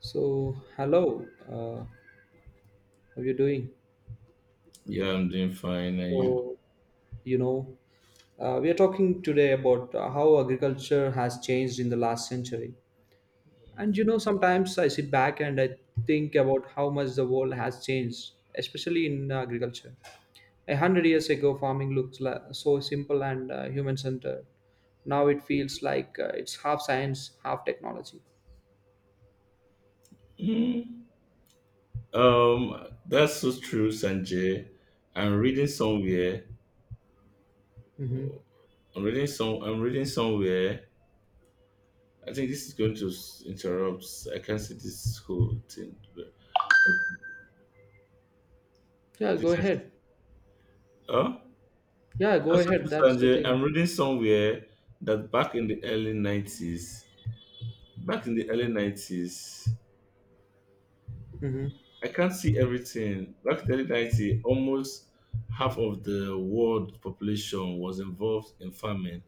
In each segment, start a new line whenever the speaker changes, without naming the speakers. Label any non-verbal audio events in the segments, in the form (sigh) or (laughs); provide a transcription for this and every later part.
So, hello, how are you doing?
Yeah, I'm doing fine. And you?
So, you know, we are talking today about how agriculture has changed in the last century. And you know, sometimes I sit back and I think about how much the world has changed, especially in agriculture. 100 years ago, farming looked so simple and human centered. Now it feels like it's half science, half technology.
Mm, that's so true, Sanjay. I'm reading somewhere.
Hmm.
I'm reading some. I'm reading somewhere. I think this is going to interrupt. I can't see this whole thing, okay,
Yeah, go
please,
ahead.
oh,
Yeah, go
that's so
ahead.
true,
That's the
Sanjay. I'm
thing.
reading somewhere that back in the early '90s.
Mhm.
I can't see everything. Back in 1990, almost half of the world population was involved in farming.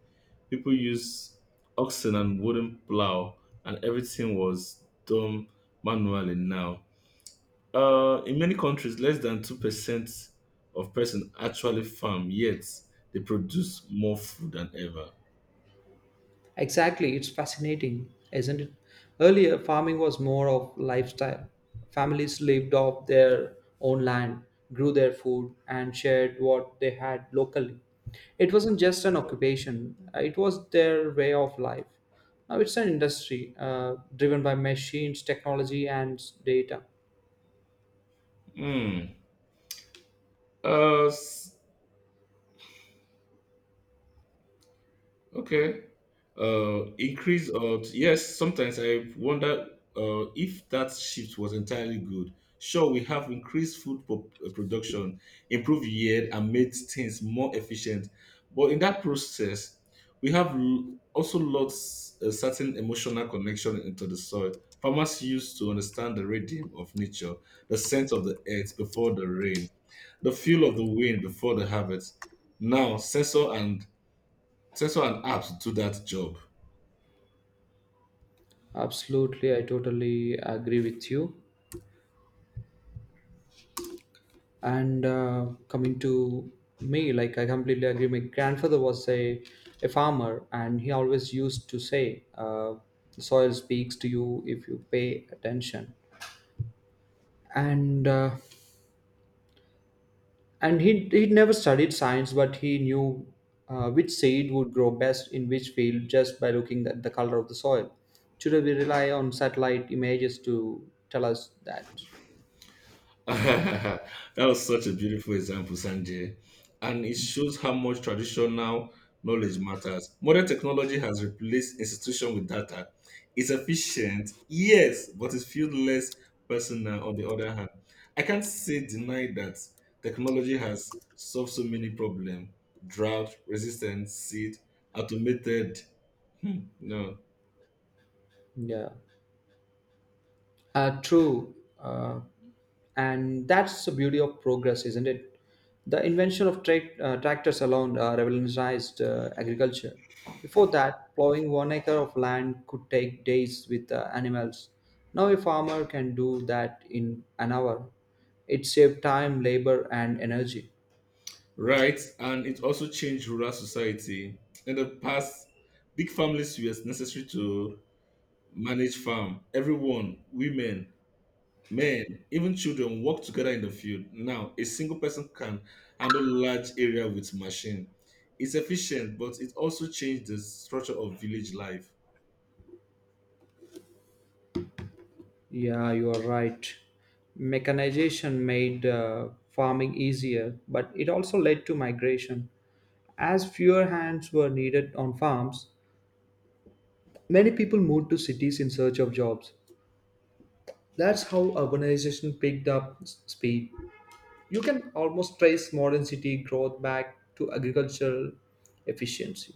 People used oxen and wooden plow, and everything was done manually now. In many countries, less than 2% of persons actually farm, yet they produce more food than ever.
Exactly, it's fascinating, isn't it? Earlier, farming was more of lifestyle. Families lived off their own land, grew their food, and shared what they had locally. It wasn't just an occupation, it was their way of life. Now it's an industry driven by machines, technology, and data.
Hmm. Uh, s- Okay. Increase of yes. Sometimes I wonder if that shift was entirely good. Sure, we have increased production, improved yield, and made things more efficient. But in that process, we have also lost a certain emotional connection into the soil. Farmers used to understand the rhythm of nature, the scent of the earth before the rain, the feel of the wind before the harvest. Now, sensor and apps do that job.
Absolutely, I totally agree with you. And coming to me, like, I completely agree. My grandfather was a farmer and he always used to say, the soil speaks to you if you pay attention. And he never studied science, but he knew which seed would grow best in which field just by looking at the color of the soil. Today we rely on satellite images to tell us that.
(laughs) That was such a beautiful example, Sanjay. And it shows how much traditional knowledge matters. Modern technology has replaced institution with data. It's efficient, yes, but it feels less personal. On the other hand, I can't say deny that technology has solved so many problems. Drought, resistant seed, automated. Hmm, no.
Yeah, true. Uh, and that's the beauty of progress, isn't it? The invention of tractors alone revolutionized agriculture. Before that, plowing 1 acre of land could take days with animals. Now a farmer can do that in an hour. It saved time, labor and energy.
Right, and it also changed rural society. In the past, big families were necessary to manage farm. Everyone, women, men, even children work together in the field. Now, a single person can handle large area with machine. It's efficient, but it also changed the structure of village life.
Yeah, you are right. Mechanization made farming easier, but it also led to migration as fewer hands were needed on farms. Many people moved to cities in search of jobs. That's how urbanization picked up speed. You can almost trace modern city growth back to agricultural efficiency.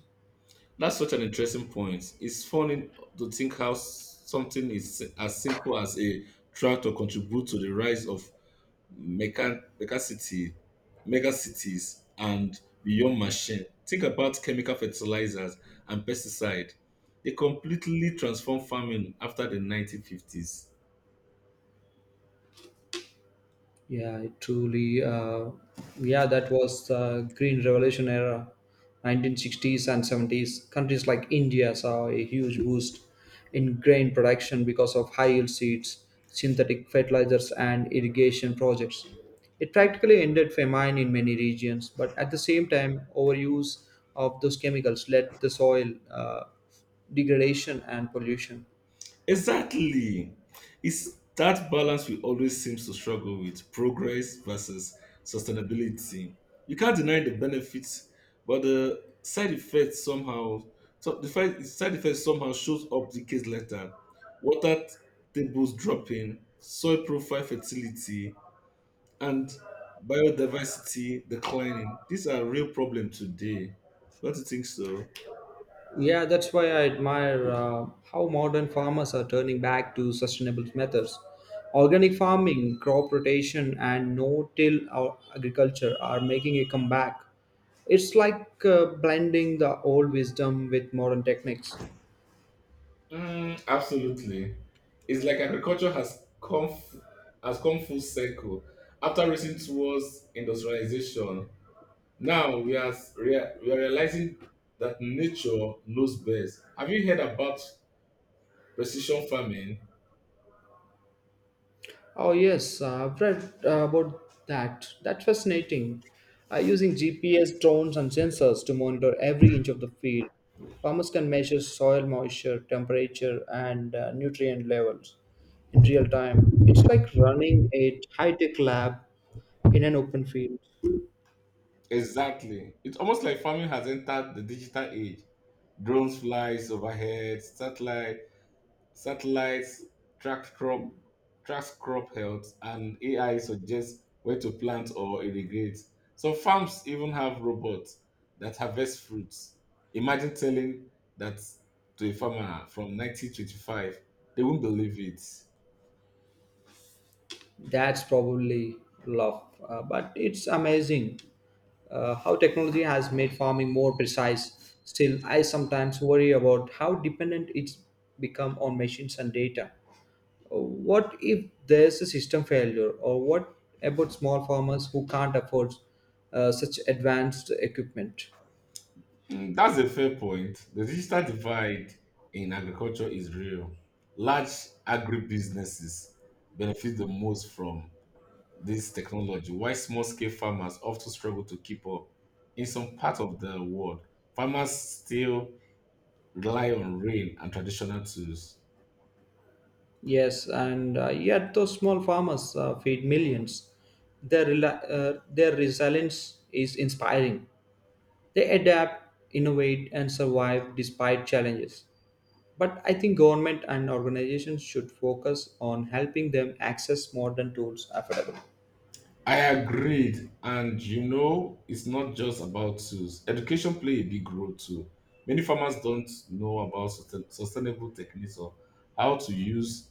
That's such an interesting point. It's funny to think how something is as simple as a tractor contribute to the rise of mega mega city mega cities. And beyond machine, think about chemical fertilizers and pesticide. They completely transformed farming after the 1950s.
Yeah, it truly. Yeah, that was the Green Revolution era, 1960s and 70s. Countries like India saw a huge boost in grain production because of high yield seeds, synthetic fertilizers, and irrigation projects. It practically ended famine in many regions, but at the same time, overuse of those chemicals led to soil degradation and pollution.
Exactly. It's that balance we always seem to struggle with, progress versus sustainability. You can't deny the benefits, but the side effects somehow, so the fi- side effects somehow shows up decades later. Water tables dropping, soil profile fertility, and biodiversity declining. These are real problems today. Don't you think so?
Yeah, that's why I admire how modern farmers are turning back to sustainable methods. Organic farming, crop rotation, and no till agriculture are making a comeback. It's like blending the old wisdom with modern techniques.
Mm, absolutely. It's like agriculture has has come full circle after racing towards industrialization. Now we are realizing that nature knows best. Have you heard about precision farming?
Oh yes, I've read about that. That's fascinating. Using GPS, drones, and sensors to monitor every inch of the field, farmers can measure soil moisture, temperature, and nutrient levels in real time. It's like running a high-tech lab in an open field.
Exactly. It's almost like farming has entered the digital age. Drones flies overhead, satellites track crop, tracks crop health, and AI suggests where to plant or irrigate. So farms even have robots that harvest fruits. Imagine telling that to a farmer from 1925, they won't believe it.
That's probably love, but it's amazing how technology has made farming more precise. Still, I sometimes worry about how dependent it's become on machines and data. What if there's a system failure, or what about small farmers who can't afford such advanced equipment?
Mm, that's a fair point. The digital divide in agriculture is real. Large agribusinesses benefit the most from this technology, why small scale farmers often struggle to keep up. In some parts of the world, farmers still rely on rain and traditional tools.
Yes, and yet those small farmers feed millions. Their resilience is inspiring. They adapt, innovate, and survive despite challenges. But I think government and organizations should focus on helping them access modern tools affordably.
I agreed, and you know, it's not just about tools. Education play a big role too. Many farmers don't know about sustainable techniques or how to use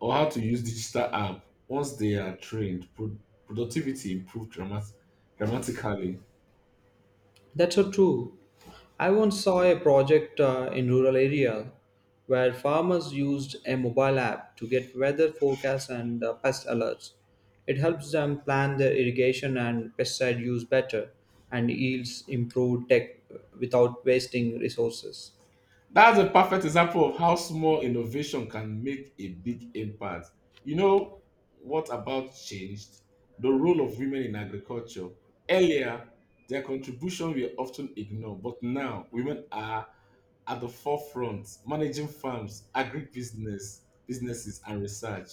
or how to use digital app. Once they are trained, productivity improves dramatically.
That's so true. I once saw a project in rural area where farmers used a mobile app to get weather forecasts and pest alerts. It helps them plan their irrigation and pesticide use better, and yields improve tech without wasting resources.
That's a perfect example of how small innovation can make a big impact. You know, what about changed? The role of women in agriculture. Earlier, their contribution were often ignored, but now women are at the forefront, managing farms, businesses, and research.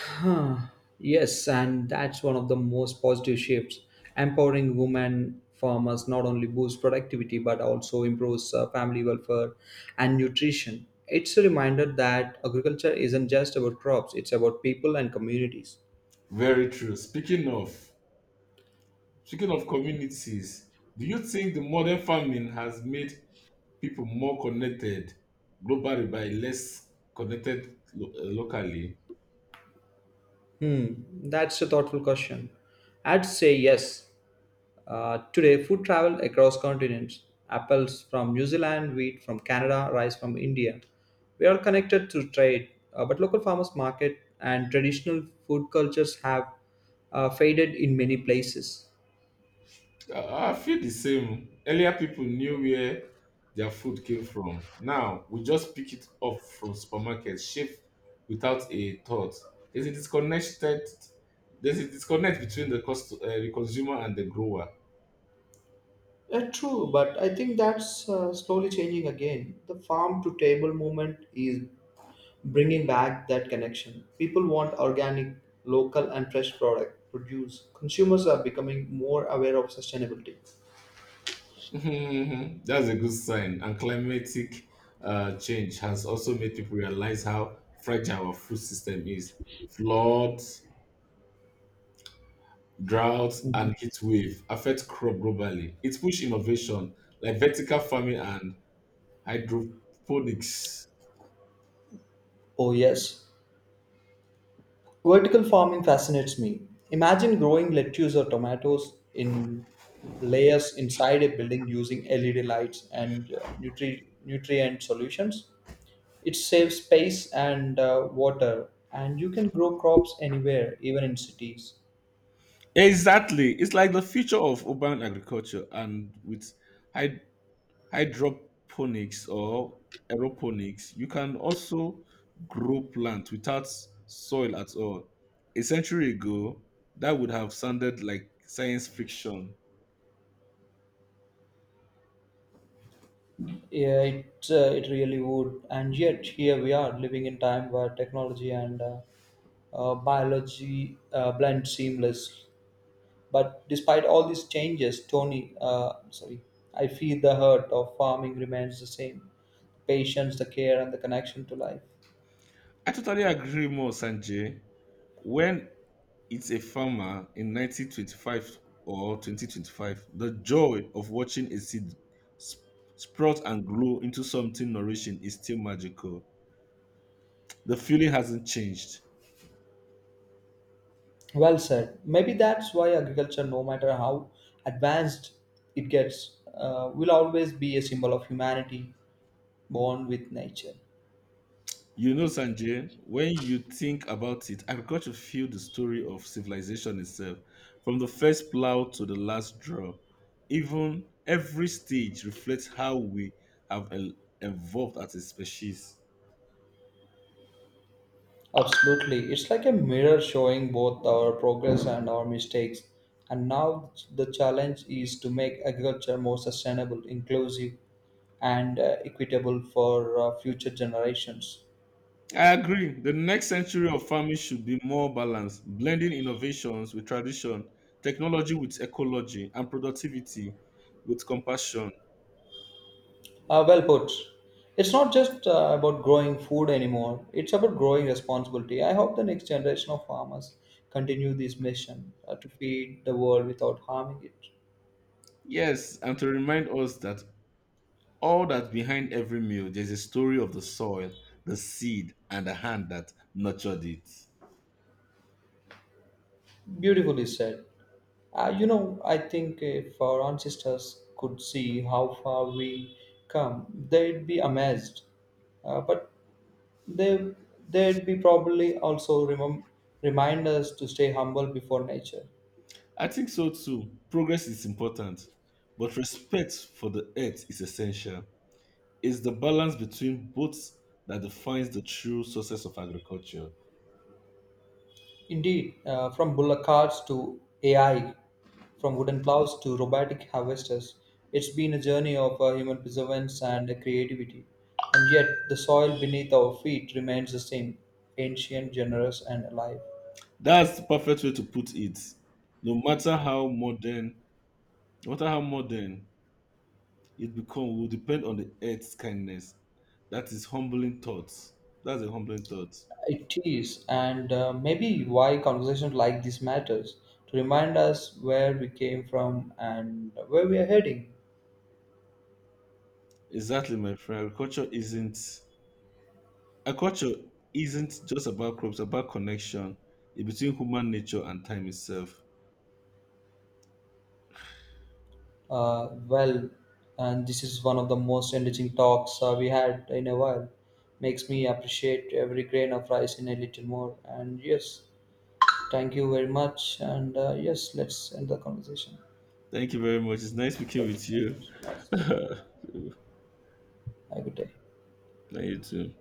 Huh. Yes, and that's one of the most positive shifts. Empowering women farmers not only boosts productivity but also improves family welfare and nutrition. It's a reminder that agriculture isn't just about crops, it's about people and communities.
Very true. Speaking of communities, do you think the modern farming has made people more connected globally by less connected locally?
Hmm, that's a thoughtful question. I'd say yes. Today, food travel across continents. Apples from New Zealand, wheat from Canada, rice from India. We are connected through trade, but local farmers' market and traditional food cultures have faded in many places.
I feel the same. Earlier, people knew where their food came from. Now, we just pick it up from supermarket shelf without a thought. There's a disconnected, there's a disconnect between the consumer and the grower.
Yeah, true, but I think that's slowly changing again. The farm to table movement is bringing back that connection. People want organic, local, and fresh product produce. Consumers are becoming more aware of sustainability.
Mhm. That's a good sign. And climatic change has also made people realize how fragile our food system is. Floods, droughts,
Mhm.
and heat wave affect crop globally. It pushes innovation like vertical farming and hydroponics.
Oh, yes. Vertical farming fascinates me. Imagine growing lettuce or tomatoes in layers inside a building using LED lights and nutrient solutions. It saves space and water, and you can grow crops anywhere, even in cities.
Exactly. It's like the future of urban agriculture, and with hyd- hydroponics or aeroponics, you can also grow plants without soil at all. A century ago, that would have sounded like science fiction.
Yeah, it, it really would. And yet, here we are living in time where technology and biology blend seamless. But despite all these changes, Tony, sorry, I feel the hurt of farming remains the same: patience, the care, and the connection to life.
I totally agree more, Sanjay. When it's a farmer in 1925 or 2025, the joy of watching a seed sp- sprout and grow into something nourishing is still magical. The feeling hasn't changed.
Well said. Maybe that's why agriculture, no matter how advanced it gets, will always be a symbol of humanity born with nature.
You know, Sanjay, when you think about it, I've got to feel the story of civilization itself, from the first plow to the last drop. Even every stage reflects how we have el- evolved as a species.
Absolutely. It's like a mirror showing both our progress and our mistakes. And now the challenge is to make agriculture more sustainable, inclusive, and equitable for future generations.
I agree. The next century of farming should be more balanced, blending innovations with tradition, technology with ecology, and productivity with compassion.
Well put. It's not just about growing food anymore, it's about growing responsibility. I hope the next generation of farmers continue this mission to feed the world without harming it.
Yes, and to remind us that all that behind every meal, there's a story of the soil, the seed, and the hand that nurtured it.
Beautifully said. You know, I think if our ancestors could see how far we come, they'd be amazed. Uh, but they, they'd be probably also remind us to stay humble before nature.
I think so too. Progress is important, but respect for the earth is essential. It's the balance between both that defines the true success of agriculture.
Indeed, from bullock carts to AI, from wooden plows to robotic harvesters, it's been a journey of human perseverance and creativity. And yet, the soil beneath our feet remains the same: ancient, generous, and alive.
That's the perfect way to put it. No matter how modern, no matter how modern it becomes, will depend on the earth's kindness. That is humbling thoughts. That's a humbling thought.
It is, and maybe why conversations like this matters to remind us where we came from and where we are heading.
Exactly, my friend. Agriculture isn't just about crops, about connection in between human nature and time itself.
Well, and this is one of the most enriching talks we had in a while. Makes me appreciate every grain of rice in a little more. And yes, thank you very much. And yes, let's end the conversation.
Thank you very much. It's nice speaking
Thank you
with
very
you. (laughs)
much. Nice meeting you. Have a good day.
And you too.